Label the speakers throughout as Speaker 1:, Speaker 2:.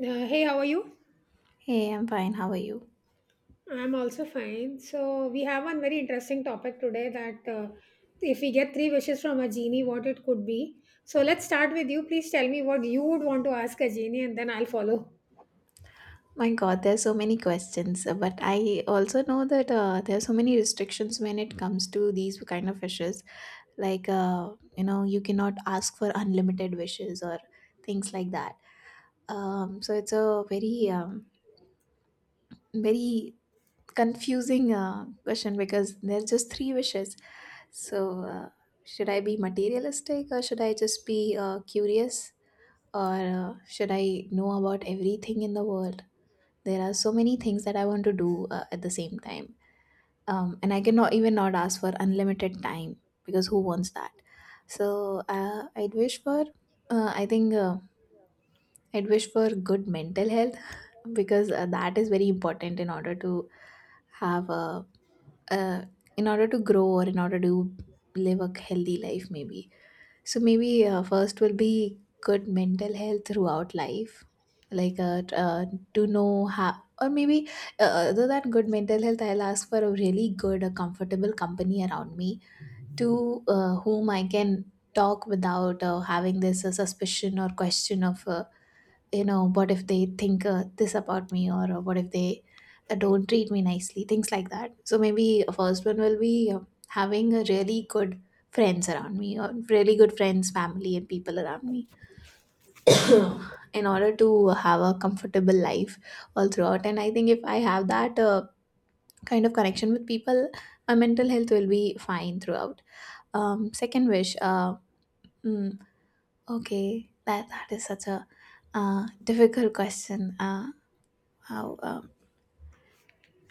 Speaker 1: Hey, how are you?
Speaker 2: Hey, I'm fine. How are you?
Speaker 1: I'm also fine. So, we have one very interesting topic today that if we get three wishes from a genie, what it could be. So, let's start with you. Please tell me what you would want to ask a genie, and then I'll follow.
Speaker 2: My God, there's so many questions, but I also know that there's so many restrictions when it comes to these kind of wishes. Like, you know, you cannot ask for unlimited wishes or things like that. So it's a very, very confusing question because there's just three wishes. So, should I be materialistic or should I just be curious or should I know about everything in the world? There are so many things that I want to do, at the same time, and I cannot even not ask for unlimited time, because who wants that? So I'd wish for, I think, I'd wish for good mental health, because that is very important in order to have a, uh, in order to grow or in order to live a healthy life maybe. So maybe, first will be good mental health throughout life, like, to know how, or maybe, other than good mental health, I'll ask for a really good, a comfortable company around me, to whom I can talk without having this suspicion or question of. You know, what if they think, this about me, or what if they don't treat me nicely, things like that. So maybe a first one will be, having a really good friends around me, or really good friends, family, and people around me, in order to have a comfortable life all throughout. And I think if I have that, kind of connection with people, my mental health will be fine throughout. Um, second wish, mm, okay, that is such a difficult question. How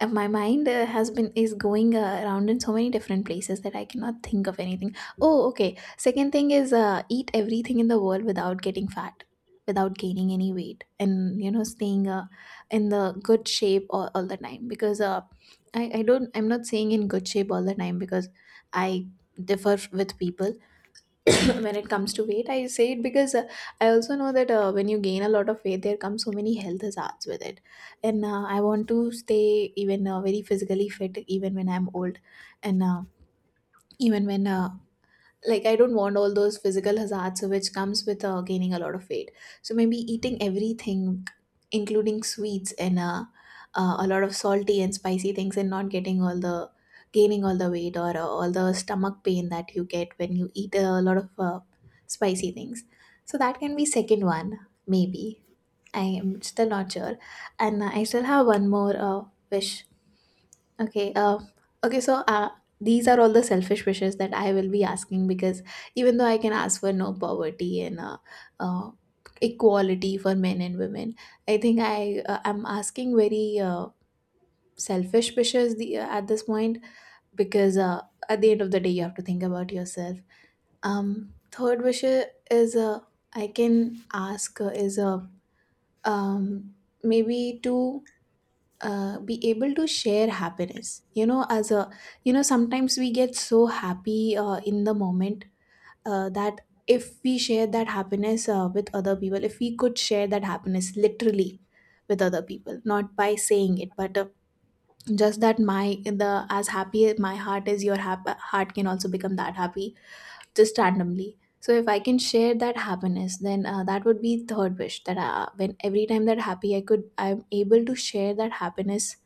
Speaker 2: my mind, has been is going around in so many different places that I cannot think of anything. Oh, okay, second thing is, eat everything in the world without getting fat, without gaining any weight, and you know, staying, in the good shape all the time, because I'm not saying in good shape all the time because I differ with people. When it comes to weight, I say it because I also know that, when you gain a lot of weight, there come so many health hazards with it. And I want to stay even, very physically fit, even when I'm old, and even when, like, I don't want all those physical hazards which comes with, gaining a lot of weight. So maybe eating everything including sweets, and a lot of salty and spicy things, and not getting all the gaining all the weight, or all the stomach pain that you get when you eat a lot of spicy things. So that can be second one, maybe. I am still not sure, and I still have one more wish. Okay. Okay. So these are all the selfish wishes that I will be asking, because even though I can ask for no poverty, and uh, equality for men and women, I think I am asking very selfish wishes, at this point, because at the end of the day, you have to think about yourself. Third wish is, I can ask is um, maybe to, be able to share happiness, you know, as a, you know, sometimes we get so happy, in the moment, that if we share that happiness, with other people, if we could share that happiness literally with other people, not by saying it, but just that, my the as happy as my heart is, your heart can also become that happy just randomly. So if I can share that happiness, then that would be third wish, that when every time that happy I could, I'm able to share that happiness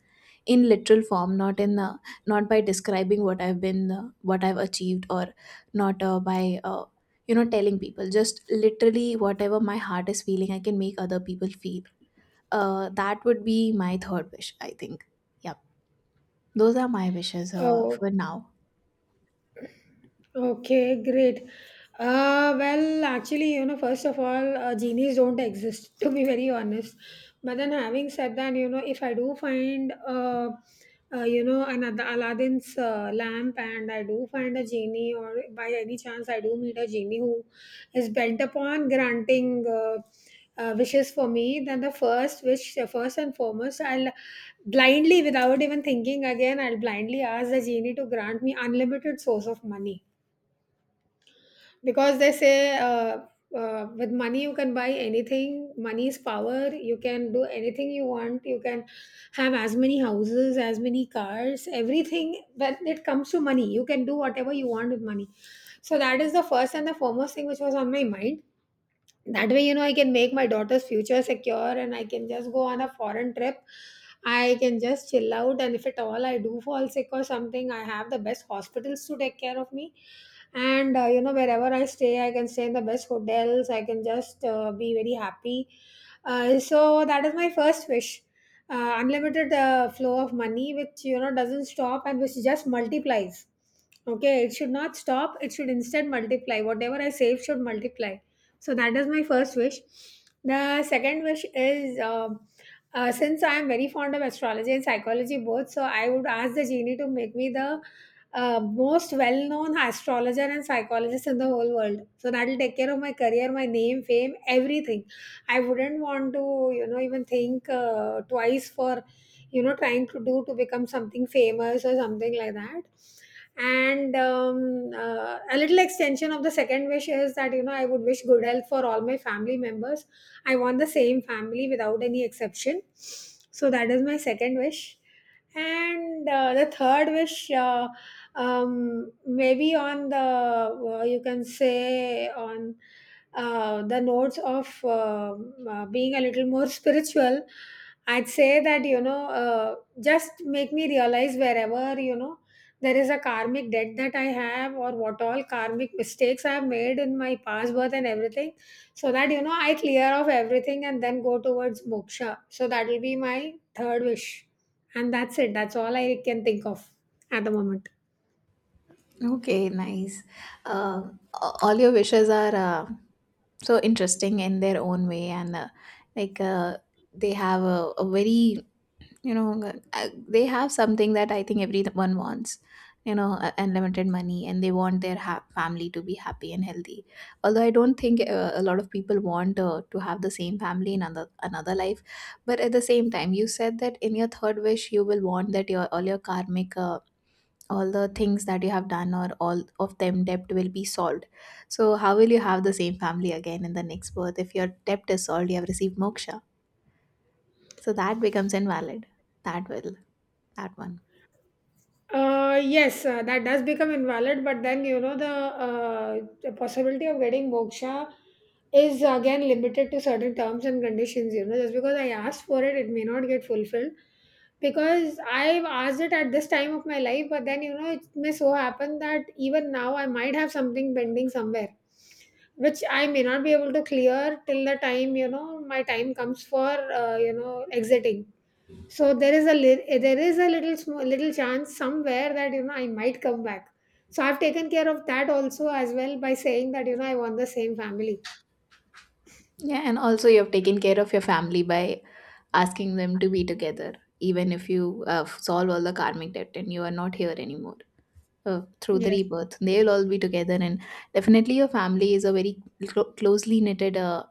Speaker 2: in literal form, not in not by describing what I've been what I've achieved, or not by you know, telling people, just literally whatever my heart is feeling, I can make other people feel. That would be my third wish, I think. Yep, those are my wishes
Speaker 1: Oh,
Speaker 2: for now.
Speaker 1: okay, great. Well, actually, you know, first of all, genies don't exist, to be very honest. But then, having said that, if I do find, another Aladdin's lamp, and I do find a genie, or by any chance, I do meet a genie who is bent upon granting. Wishes for me, then the first wish, first and foremost, I'll blindly, without even thinking again, I'll blindly ask the genie to grant me unlimited source of money. Because they say, with money you can buy anything. Money is power. You can do anything you want. You can have as many houses, as many cars, everything. When it comes to money, you can do whatever you want with money. So that is the first and the foremost thing which was on my mind. That way, I can make my daughter's future secure, and I can just go on a foreign trip. I can just chill out, and if at all I do fall sick or something, I have the best hospitals to take care of me. And wherever I stay, I can stay in the best hotels. I can just be very happy. So that is my first wish. Unlimited flow of money, which you know doesn't stop and which just multiplies. Okay, it should not stop, it should instead multiply. Whatever I save should multiply. So that is my first wish. The second wish is, since I am very fond of astrology and psychology both, so I would ask the genie to make me the most well-known astrologer and psychologist in the whole world. So that'll take care of my career, my name, fame, everything. I wouldn't want to, even think twice for, trying to become something famous or something like that. And a little extension of the second wish is that, you know, I would wish good health for all my family members. I want the same family without any exception. So that is my second wish. And the third wish, maybe on the, you can say on the notes of being a little more spiritual, I'd say that you know, just make me realize wherever, you know, there is a karmic debt that I have, or what all karmic mistakes I have made in my past birth and everything, so that you know, I clear off everything and then go towards moksha. So that will be my third wish. And that's it. That's all I can think of at the moment.
Speaker 2: Okay, nice. All your wishes are, so interesting in their own way, and like, they have a very, you know, they have something that I think everyone wants, you know, unlimited money, and they want their family to be happy and healthy. Although I don't think a lot of people want to have the same family in another life, but at the same time, you said that in your third wish you will want that your all your karmic. All the things that you have done, or all of them debt, will be solved. So how will you have the same family again in the next birth if your debt is solved, you have received moksha? So that becomes invalid. That will that one
Speaker 1: Yes, that does become invalid, but then you know, the possibility of getting moksha is again limited to certain terms and conditions. You know, just because I asked for it, it may not get fulfilled, because I've asked it at this time of my life, but then you know it may so happen that even now I might have something pending somewhere, which I may not be able to clear till the time, you know, my time comes for exiting. So there is a there is a little small little chance somewhere that you know I might come back. So I've taken care of that also as well by saying that you know I want the same family.
Speaker 2: Yeah, and also you have taken care of your family by asking them to be together, even if you solve all the karmic debt and you are not here anymore, through the
Speaker 1: Yes.
Speaker 2: rebirth they will all be together. And definitely your family is a very closely knitted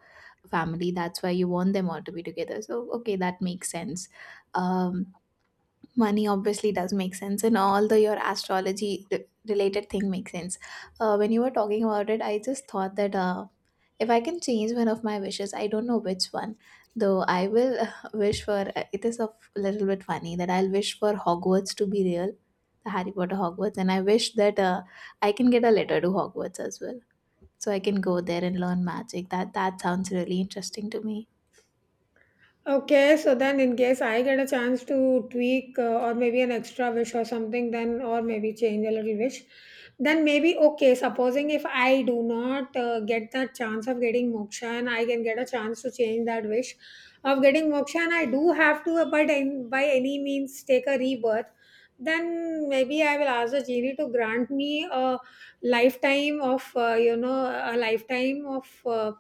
Speaker 2: family, that's why you want them all to be together. So okay, that makes sense. Um, money obviously does make sense, and all the your astrology related thing makes sense. When you were talking about it, I just thought that, if I can change one of my wishes, I don't know which one though, I will, wish for, it is a little bit funny that I'll wish for Hogwarts to be real, the Harry Potter Hogwarts, and I wish that I can get a letter to Hogwarts as well, so I can go there and learn magic. That sounds really interesting to me.
Speaker 1: Okay, so then in case I get a chance to tweak, or maybe an extra wish or something, then or maybe change a little wish, then maybe okay. Supposing if I do not get that chance of getting moksha, and I can get a chance to change that wish of getting moksha, and I do have to, but in, by any means take a rebirth, then maybe I will ask the genie to grant me a lifetime of you know, a lifetime of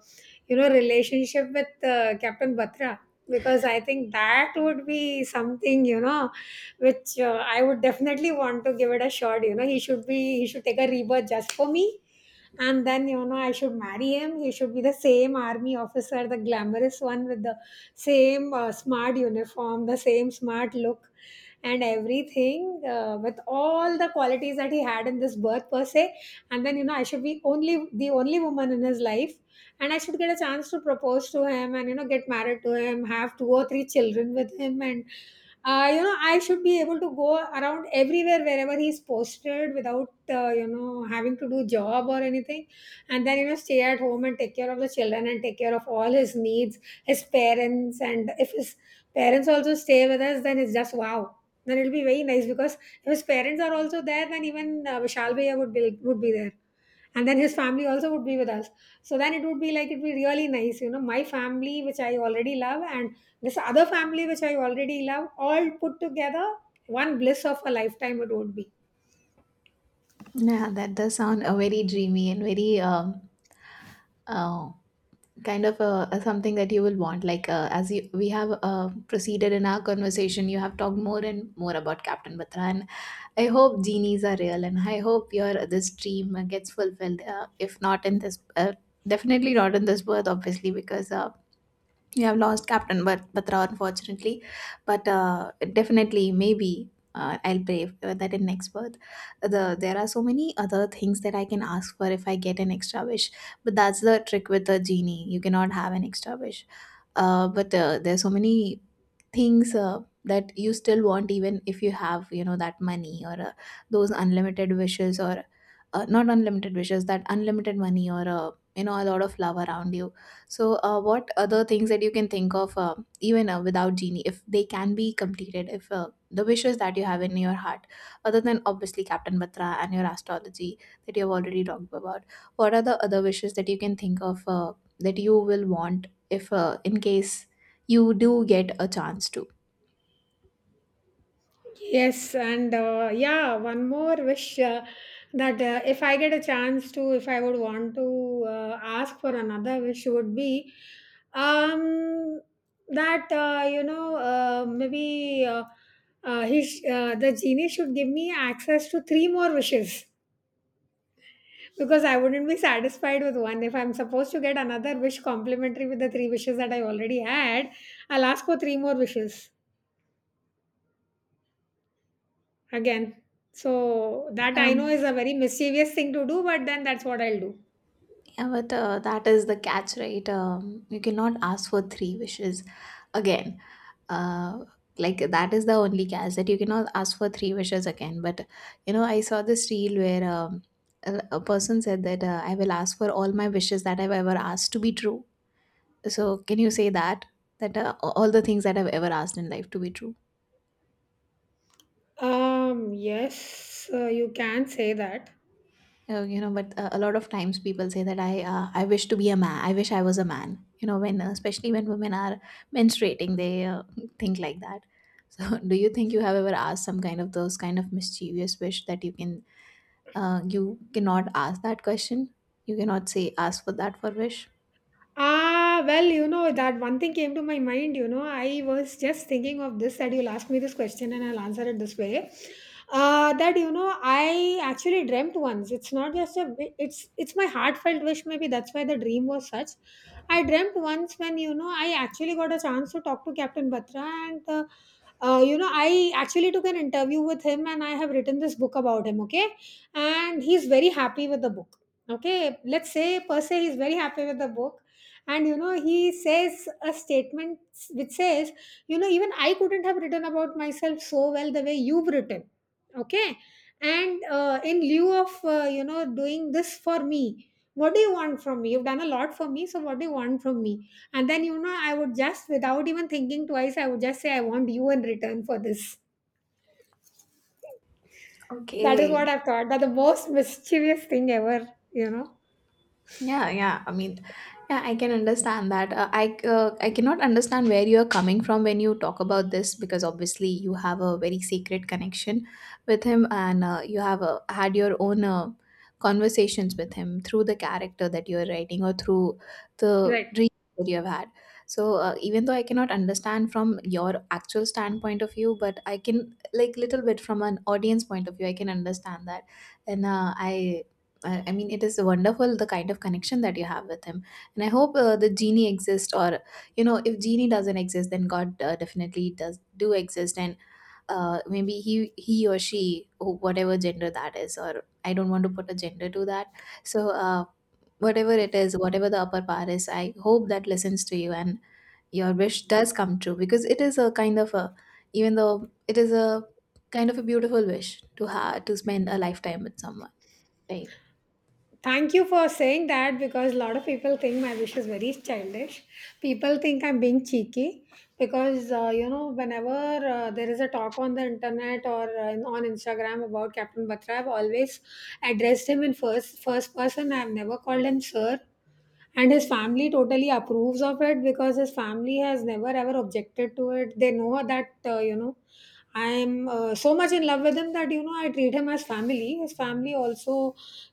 Speaker 1: you know, relationship with Captain Batra, because I think that would be something, you know, which I would definitely want to give it a shot. You know, he should take a rebirth just for me, and then you know I should marry him. He should be the same army officer, the glamorous one, with the same smart uniform, the same smart look and everything, with all the qualities that he had in this birth per se. And then you know I should be only the only woman in his life, and I should get a chance to propose to him, and you know, get married to him, have two or three children with him, and you know, I should be able to go around everywhere wherever he's posted without you know having to do job or anything. And then you know, stay at home and take care of the children and take care of all his needs, his parents. And if his parents also stay with us, then it's just wow. Then it'll be very nice, because if his parents are also there, then even Vishal bhaiya would be there. And then his family also would be with us. So then it would be like, it'd be really nice, you know, my family which I already love, and this other family which I already love, all put together, one bliss of a lifetime it would be.
Speaker 2: Yeah, that does sound a very dreamy and very, uh, kind of a something that you will want. Like, as you, we have proceeded in our conversation, you have talked more and more about Captain Batra, and I hope genies are real, and I hope your this dream gets fulfilled. If not in this, definitely not in this birth, obviously, because we have lost Captain but Batra, unfortunately. But definitely, maybe I'll pray for that in next birth. There are so many other things that I can ask for if I get an extra wish. But that's the trick with the genie. You cannot have an extra wish. But there's so many things that you still want, even if you have, you know, that money, or those unlimited wishes, or not unlimited wishes, that unlimited money, or you know, a lot of love around you. So what other things that you can think of, even without genie, if they can be completed, if the wishes that you have in your heart, other than obviously Captain Batra and your astrology that you have already talked about, what are the other wishes that you can think of, that you will want if in case you do get a chance to.
Speaker 1: Yes, and yeah, one more wish, that if I get a chance to, if I would want to ask for another wish, would be, um, that you know, the genie should give me access to three more wishes, because I wouldn't be satisfied with one. If I'm supposed to get another wish complimentary with the three wishes that I already had, I'll ask for three more wishes. Again. So that I know
Speaker 2: Um,
Speaker 1: is a very mischievous thing to do, but then that's what I'll do.
Speaker 2: yeah, but that is the catch, right? You cannot ask for three wishes again. Uh, like, that is the only catch, that you cannot ask for three wishes again. But you know, I saw this reel where, a person said that, I will ask for all my wishes that I've ever asked to be true. So can you say that, that all the things that I've ever asked in life to be true?
Speaker 1: Yes, you can say that.
Speaker 2: Oh, you know, but a lot of times people say that, I wish to be a man. I wish I was a man. You know, when especially when women are menstruating, they think like that. So, do you think you have ever asked some kind of those kind of mischievous wish that you can you cannot ask that question? You cannot say ask for that for wish.
Speaker 1: Ah, well, you know, that one thing came to my mind. You know, I was just thinking of this, that you'll ask me this question and I'll answer it this way. That you know, I actually dreamt once. It's not just a. It's my heartfelt wish. Maybe that's why the dream was such. I dreamt once when you know I actually got a chance to talk to Captain Batra, and you know, I actually took an interview with him, and I have written this book about him. Okay, and he's very happy with the book. Okay, let's say per se he's very happy with the book, and you know he says a statement which says, you know, even I couldn't have written about myself so well the way you've written. Okay, and in lieu of, you know, doing this for me, what do you want from me? You've done a lot for me. So what do you want from me? And then you know, I would just, without even thinking twice, I would just say, I want you in return for this. That is
Speaker 2: Okay.
Speaker 1: what I've thought, that the most mischievous thing ever, you know,
Speaker 2: Yeah, yeah. I mean, yeah, I can understand that. Uh, I cannot understand where you are coming from when you talk about this, because obviously you have a very sacred connection with him, and you have had your own conversations with him through the character that you are writing, or through the
Speaker 1: right?
Speaker 2: reading that you have had. Even though I cannot understand from your actual standpoint of view, but I can like little bit from an audience point of view, I can understand that and it is wonderful the kind of connection that you have with him, and I hope the genie exists. Or you know, if genie doesn't exist, then God definitely does do exist, and maybe he or she, whatever gender that is, or I don't want to put a gender to that. So uh, Whatever it is, whatever the upper power is, I hope that listens to you and your wish does come true because it is a kind of a, even though it is a kind of a beautiful wish to have to spend a lifetime with someone, right?
Speaker 1: Thank you for saying that, because a lot of people think my wish is very childish. People think I'm being cheeky, because you know, whenever there is a talk on the internet or on Instagram about Captain Batra, I've always addressed him in first person. I've never called him sir, and his family totally approves of it, because his family has never ever objected to it. They know that you know, I'm so much in love with him that you know I treat him as family. His family also,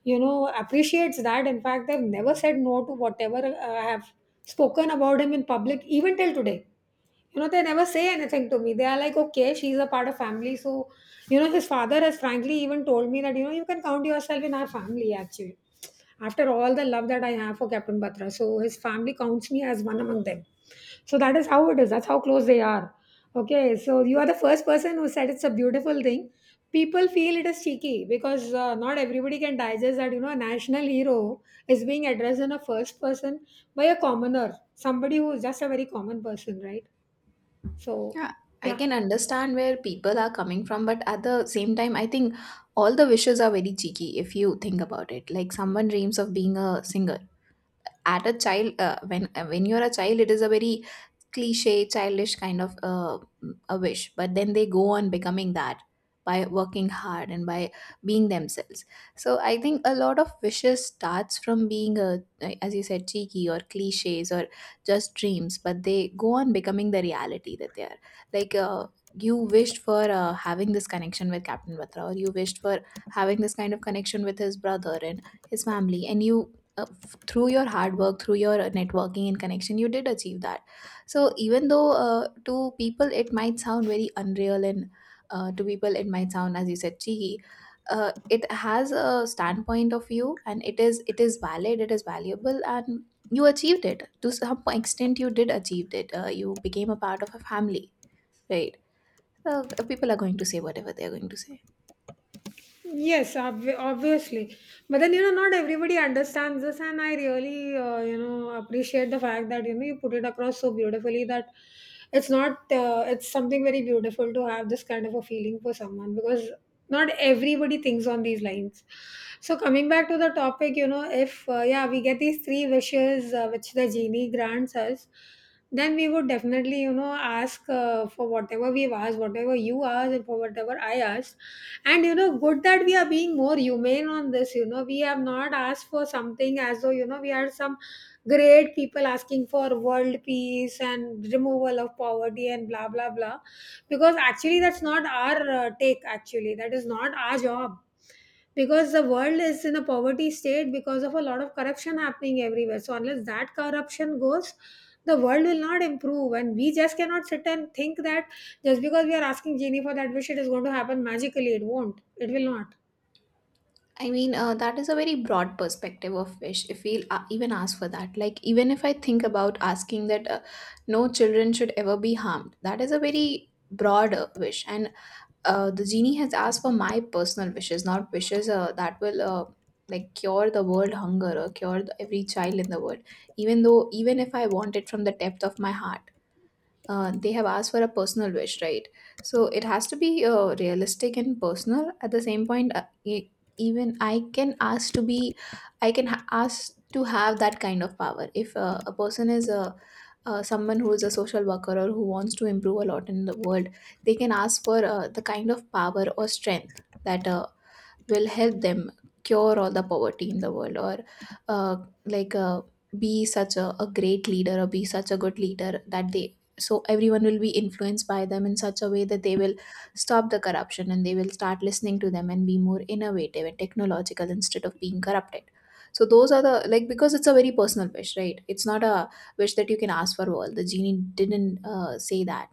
Speaker 1: you know, appreciates that. In fact, they've never said no to whatever I have spoken about him in public even till today. You know, they never say anything to me. They are like, okay, she's a part of family. So, you know, his father has frankly even told me that, you know, you can count yourself in our family, actually, after all the love that I have for Captain Batra. So his family counts me as one among them. So that is how it is. That's how close they are. Okay. So you are the first person who said it's a beautiful thing. People feel it is cheeky because not everybody can digest that, you know, a national hero is being addressed in a first person by a commoner, somebody who is just a very common person, right? So,
Speaker 2: Yeah, I
Speaker 1: yeah.
Speaker 2: can understand where people are coming from, but at the same time, I think all the wishes are very cheeky if you think about it. Like someone dreams of being a singer. At a child, when you're a child, it is a very cliche, childish kind of a wish, but then they go on becoming that by working hard and by being themselves. So I think a lot of wishes starts from being a, as you said, cheeky or cliches or just dreams, but they go on becoming the reality that they are. Like you wished for having this connection with Captain Batra, or you wished for having this kind of connection with his brother and his family, and you. Through your hard work, through your networking and connection, you did achieve that so even though to people it might sound very unreal and to people it might sound, as you said, cheeky, it has a standpoint of view and it is valid, it is valuable, and you achieved it to some extent. You did achieve it. You became a part of a family, right? So people are going to say whatever they are going to say.
Speaker 1: Yes, obviously. But then, you know, not everybody understands this, and I really, you know, appreciate the fact that, you know, you put it across so beautifully that it's not, it's something very beautiful to have this kind of a feeling for someone because not everybody thinks on these lines. So, coming back to the topic, you know, if, yeah, we get these three wishes which the genie grants us, then we would definitely, you know, ask for whatever we've asked, whatever you asked and for whatever I asked. And you know, good that we are being more humane on this. You know, we have not asked for something as though, you know, we are some great people asking for world peace and removal of poverty and blah blah blah, because actually that's not our take. Actually, that is not our job, because the world is in a poverty state because of a lot of corruption happening everywhere. So unless that corruption goes, the world will not improve, and we just cannot sit and think that just because we are asking genie for that wish, it is going to happen magically. It won't. It will not.
Speaker 2: That is a very broad perspective of wish. If we even ask for that, like even if I think about asking that no children should ever be harmed, that is a very broad wish. And the genie has asked for my personal wishes, not wishes that will like cure the world hunger or cure the, every child in the world. Even though, even if I want it from the depth of my heart, they have asked for a personal wish, right? So it has to be realistic and personal. At the same point, even I can ask to be, I can ask to have that kind of power. If a person is a someone who is a social worker or who wants to improve a lot in the world, they can ask for the kind of power or strength that will help them cure all the poverty in the world or uh, like uh, be such a great leader or be such a good leader that they so everyone will be influenced by them in such a way that they will stop the corruption and they will start listening to them and be more innovative and technological instead of being corrupted so those are the like because it's a very personal wish, right? It's not a wish that you can ask for all the genie didn't say that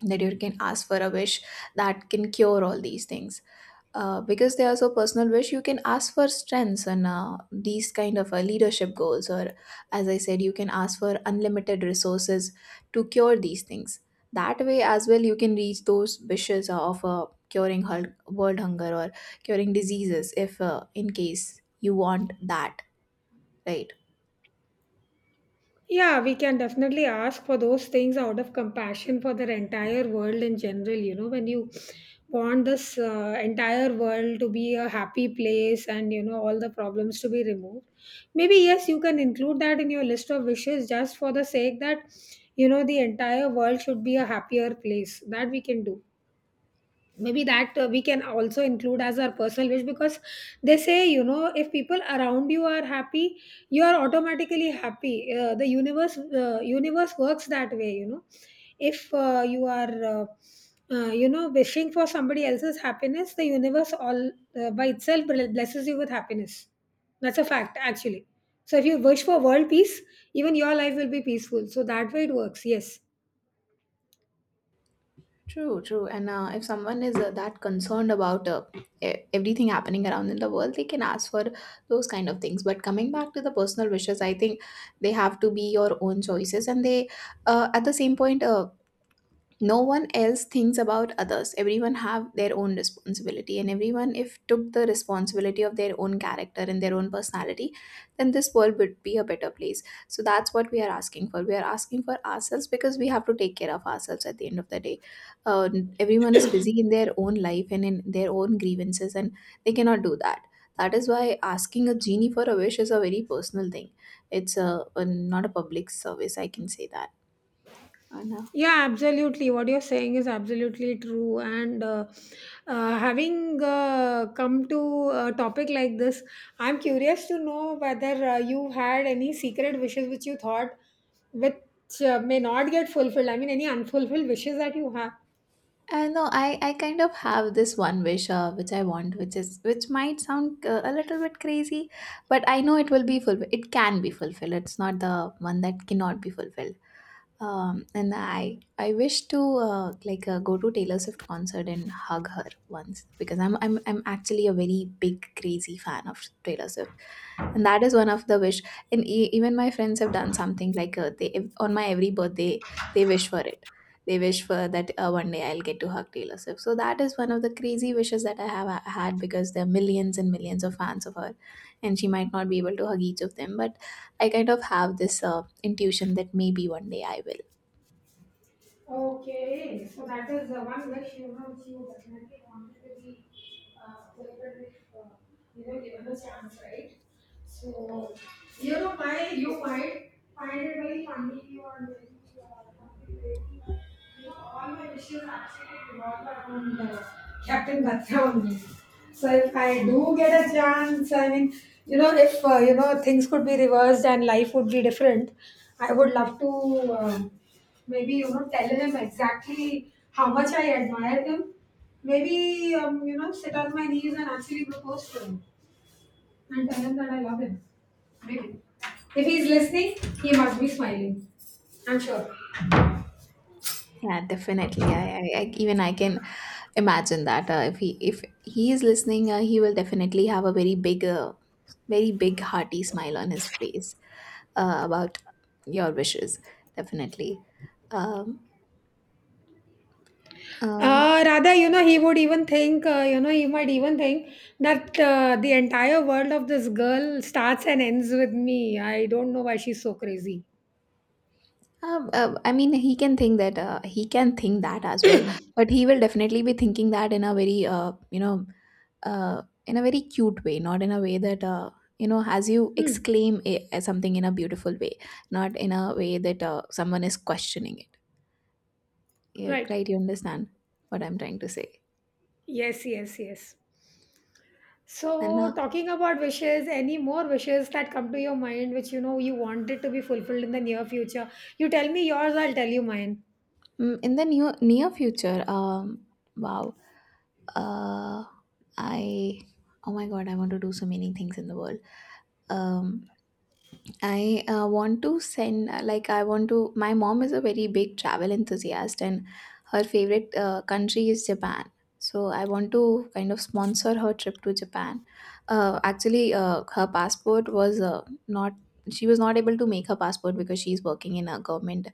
Speaker 2: that you can ask for a wish that can cure all these things because they are so personal wish you can ask for strengths and these kind of leadership goals or as I said you can ask for unlimited resources to cure these things that way as well you can reach those wishes of curing world hunger or curing diseases if in case you want that, right?
Speaker 1: Yeah, we can definitely ask for those things out of compassion for the entire world in general. You know, when you want this entire world to be a happy place and you know all the problems to be removed, maybe yes, you can include that in your list of wishes, just for the sake that, you know, the entire world should be a happier place. That we can do. Maybe that we can also include as our personal wish, because they say, you know, if people around you are happy, you are automatically happy. The universe works that way, you know. If you are you know, wishing for somebody else's happiness, the universe all by itself blesses you with happiness. That's a fact actually. So if you wish for world peace, even your life will be peaceful. So that way it works, yes.
Speaker 2: True, true. And if someone is that concerned about everything happening around in the world, they can ask for those kind of things. But coming back to the personal wishes, I think they have to be your own choices. And they, at the same point, no one else thinks about others. Everyone have their own responsibility and everyone if took the responsibility of their own character and their own personality, then this world would be a better place. So that's what we are asking for. We are asking for ourselves because we have to take care of ourselves at the end of the day. uh, Everyone is busy in their own life and in their own grievances and they cannot do that. That is why asking a genie for a wish is a very personal thing. It's a not a public service, I can say that. And
Speaker 1: Yeah, absolutely. What you're saying is absolutely true. And having come to a topic like this, I'm curious to know whether you had any secret wishes which you thought, which may not get fulfilled. I mean, any unfulfilled wishes that you have.
Speaker 2: I know I, kind of have this one wish which I want, which is which might sound a little bit crazy, but I know it will be fulfilled. It can be fulfilled. It's not the one that cannot be fulfilled. Um, and I I wish to go to Taylor Swift concert and hug her once because I'm actually a very big crazy fan of Taylor Swift, and that is one of the wish. And even my friends have done something like on my every birthday they wish for it. They wish for that one day I'll get to hug Taylor Swift. So that is one of the crazy wishes that I have had, because there are millions and millions of fans of her, and she might not be able to hug each of them, but I kind of have this intuition that maybe one day I will.
Speaker 1: Okay, so that is the one wish, you know, which you definitely wanted to be fulfilled if you were given a chance, right? So you know why, you might find it very funny or maybe something crazy, but you know all my wishes actually revolve around Captain Batra only. So if I do get a chance, I mean, you know, if you know, things could be reversed and life would be different, I would love to. Maybe, you know, tell him exactly how much I admire him. Maybe, you know, sit on my knees and actually propose to him and tell him that I love him. Maybe. If he's listening, he must be smiling. I'm sure.
Speaker 2: Yeah, definitely. I even I can imagine that if he is listening he will definitely have a very big very big hearty smile on his face about your wishes, definitely. um, uh,
Speaker 1: Rather, you know, he would even think, you know, he might even think that the entire world of this girl starts and ends with me. I don't know why she's so crazy.
Speaker 2: I mean he can think that he can think that as well, but he will definitely be thinking that in a very you know in a very cute way, not in a way that you know, as you
Speaker 1: Hmm.
Speaker 2: exclaim a something in a beautiful way, not in a way that someone is questioning it. Yeah,
Speaker 1: Right.
Speaker 2: right, you understand what I'm trying to say.
Speaker 1: Yes, yes, yes.
Speaker 2: And
Speaker 1: So, talking about wishes, any more wishes that come to your mind which you know you wanted to be fulfilled in the near future? You tell me yours, I'll tell you mine.
Speaker 2: Mm, in the near near future, wow, uh, I oh my god, I want to do so many things in the world. Um, I Want to send, like I want to. My mom is a very big travel enthusiast, and her favorite country is Japan. So I want to kind of sponsor her trip to Japan. Her passport was not. She was not able to make her passport because she's working in a government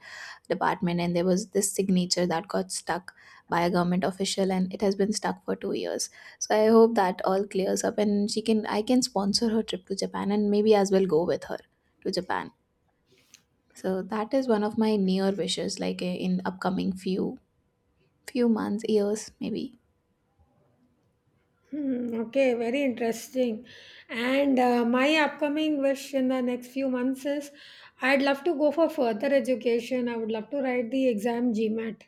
Speaker 2: department and there was this signature that got stuck by a government official and it has been stuck for 2 years. So I hope that all clears up and she can I can sponsor her trip to Japan and maybe as well go with her to Japan. So that is one of my near wishes, like in upcoming few few months, years maybe.
Speaker 1: Hmm, okay, very interesting. And my upcoming wish in the next few months is, I'd love to go for further education. I would love to write the exam GMAT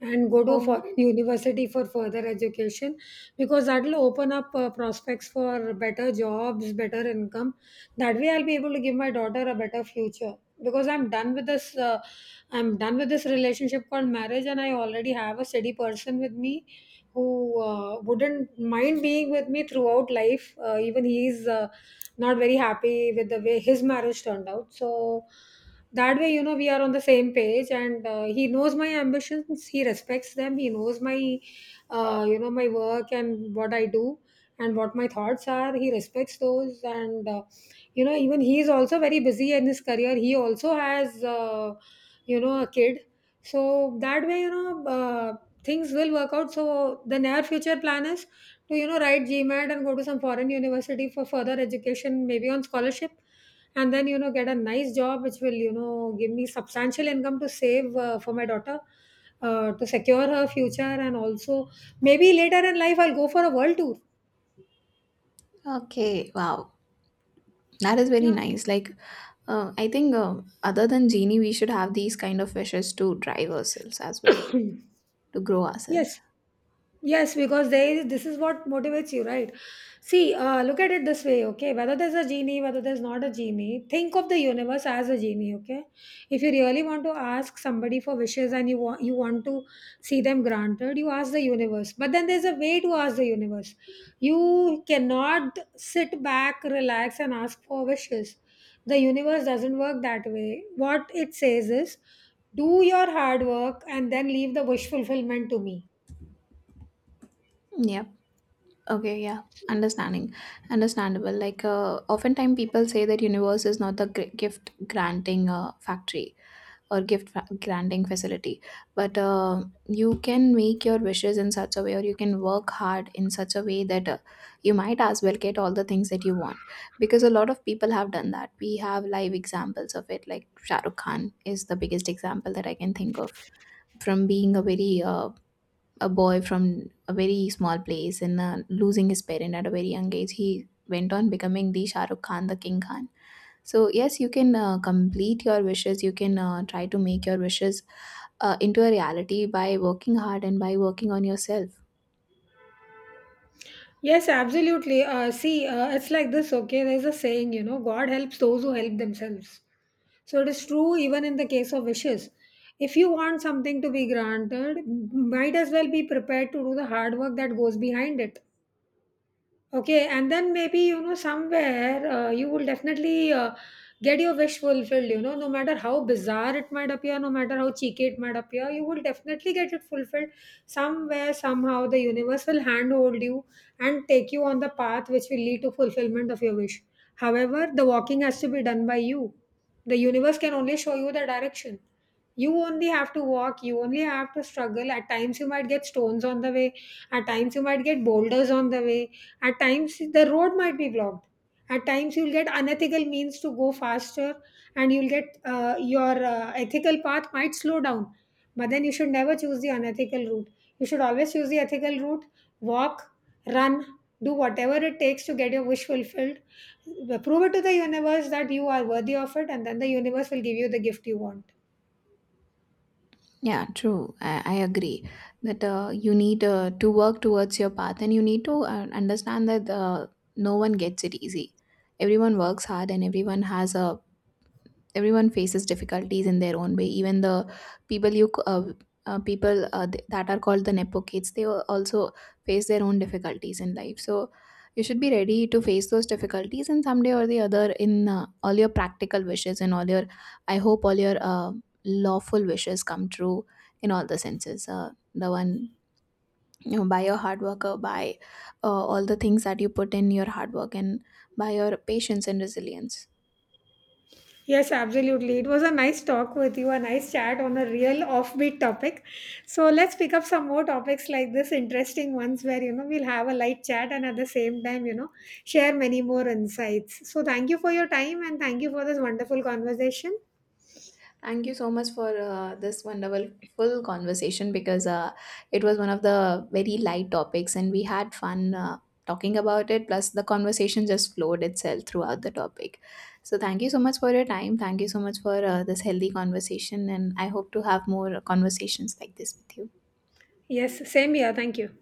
Speaker 1: and go to a
Speaker 2: Oh,
Speaker 1: foreign university for further education, because that will open up prospects for better jobs, better income. That way, I'll be able to give my daughter a better future, because I'm done with this. I'm done with this relationship called marriage, and I already have a steady person with me who wouldn't mind being with me throughout life. Even he's not very happy with the way his marriage turned out. So that way, you know, we are on the same page, and he knows my ambitions. He respects them. He knows my, you know, my work and what I do and what my thoughts are. He respects those, and you know, even he is also very busy in his career. He also has, you know, a kid. So that way, you know. Things will work out. So the near future plan is to, you know, write GMAT and go to some foreign university for further education, maybe on scholarship, and then, you know, get a nice job which will, you know, give me substantial income to save, for my daughter, to secure her future, and also maybe later in life I'll go for a world tour.
Speaker 2: okay, wow, that is very
Speaker 1: Yeah,
Speaker 2: nice, like I think other than genie we should have these kind of wishes to drive ourselves as well, to grow ourselves.
Speaker 1: yes. Yes, because there is, this is what motivates you, right? See, look at it this way, okay? Whether there's a genie, whether there's not a genie, think of the universe as a genie, okay? If you really want to ask somebody for wishes and you want, you want to see them granted, you ask the universe. But then there's a way to ask the universe. You cannot sit back, relax, and ask for wishes. The universe doesn't work that way. What it says is, do your hard work and then leave the wish fulfillment to me.
Speaker 2: Yeah. Okay, yeah, understanding, understandable. Like, oftentimes people say that universe is not the gift granting factory or gift granting facility, but you can make your wishes in such a way, or you can work hard in such a way that you might as well get all the things that you want. Because a lot of people have done that. We have live examples of it. Like Shah Rukh Khan is the biggest example that I can think of. From being a very a boy from a very small place and losing his parent at a very young age, he went on becoming the Shah Rukh Khan, the King Khan. So yes, you can complete your wishes. You can try to make your wishes into a reality by working hard and by working on yourself.
Speaker 1: Yes, absolutely. See, it's like this, okay? There's a saying, you know, God helps those who help themselves. So it is true even in the case of wishes. If you want something to be granted, might as well be prepared to do the hard work that goes behind it. Okay, and then maybe you know somewhere you will definitely get your wish fulfilled. You know, no matter how bizarre it might appear, no matter how cheeky it might appear, you will definitely get it fulfilled somewhere somehow. The universe will handhold you and take you on the path which will lead to fulfillment of your wish. However, the walking has to be done by you. The universe can only show you the direction. You only have to walk. You only have to struggle. At times, you might get stones on the way. At times, you might get boulders on the way, at times, the road might be blocked. At times, you'll get unethical means to go faster, and you'll get your ethical path might slow down. But then you should never choose the unethical route. You should always choose the ethical route, walk, run, do whatever it takes to get your wish fulfilled. Prove it to the universe that you are worthy of it, and then the universe will give you the gift you want.
Speaker 2: Yeah, true. I agree that you need to work towards your path and you need to understand that no one gets it easy. Everyone works hard and everyone has a everyone faces difficulties in their own way, even the people you people that are called the nepo kids, they also face their own difficulties in life. So you should be ready to face those difficulties, and someday or the other, in all your practical wishes and all your, I hope all your lawful wishes come true, in all the senses, the one, you know, by your hard work or by all the things that you put in your hard work and by your patience and resilience.
Speaker 1: Yes, absolutely. It was a nice talk with you, a nice chat on a real offbeat topic. So let's pick up some more topics like this, interesting ones where you know we'll have a light chat and at the same time, you know, share many more insights. So thank you for your time and thank you for this wonderful conversation.
Speaker 2: Thank you so much for this wonderful full conversation, because it was one of the very light topics and we had fun talking about it. Plus, the conversation just flowed itself throughout the topic. So, thank you so much for your time. Thank you so much for this healthy conversation. And I hope to have more conversations like this with you.
Speaker 1: Yes, same here. Thank you.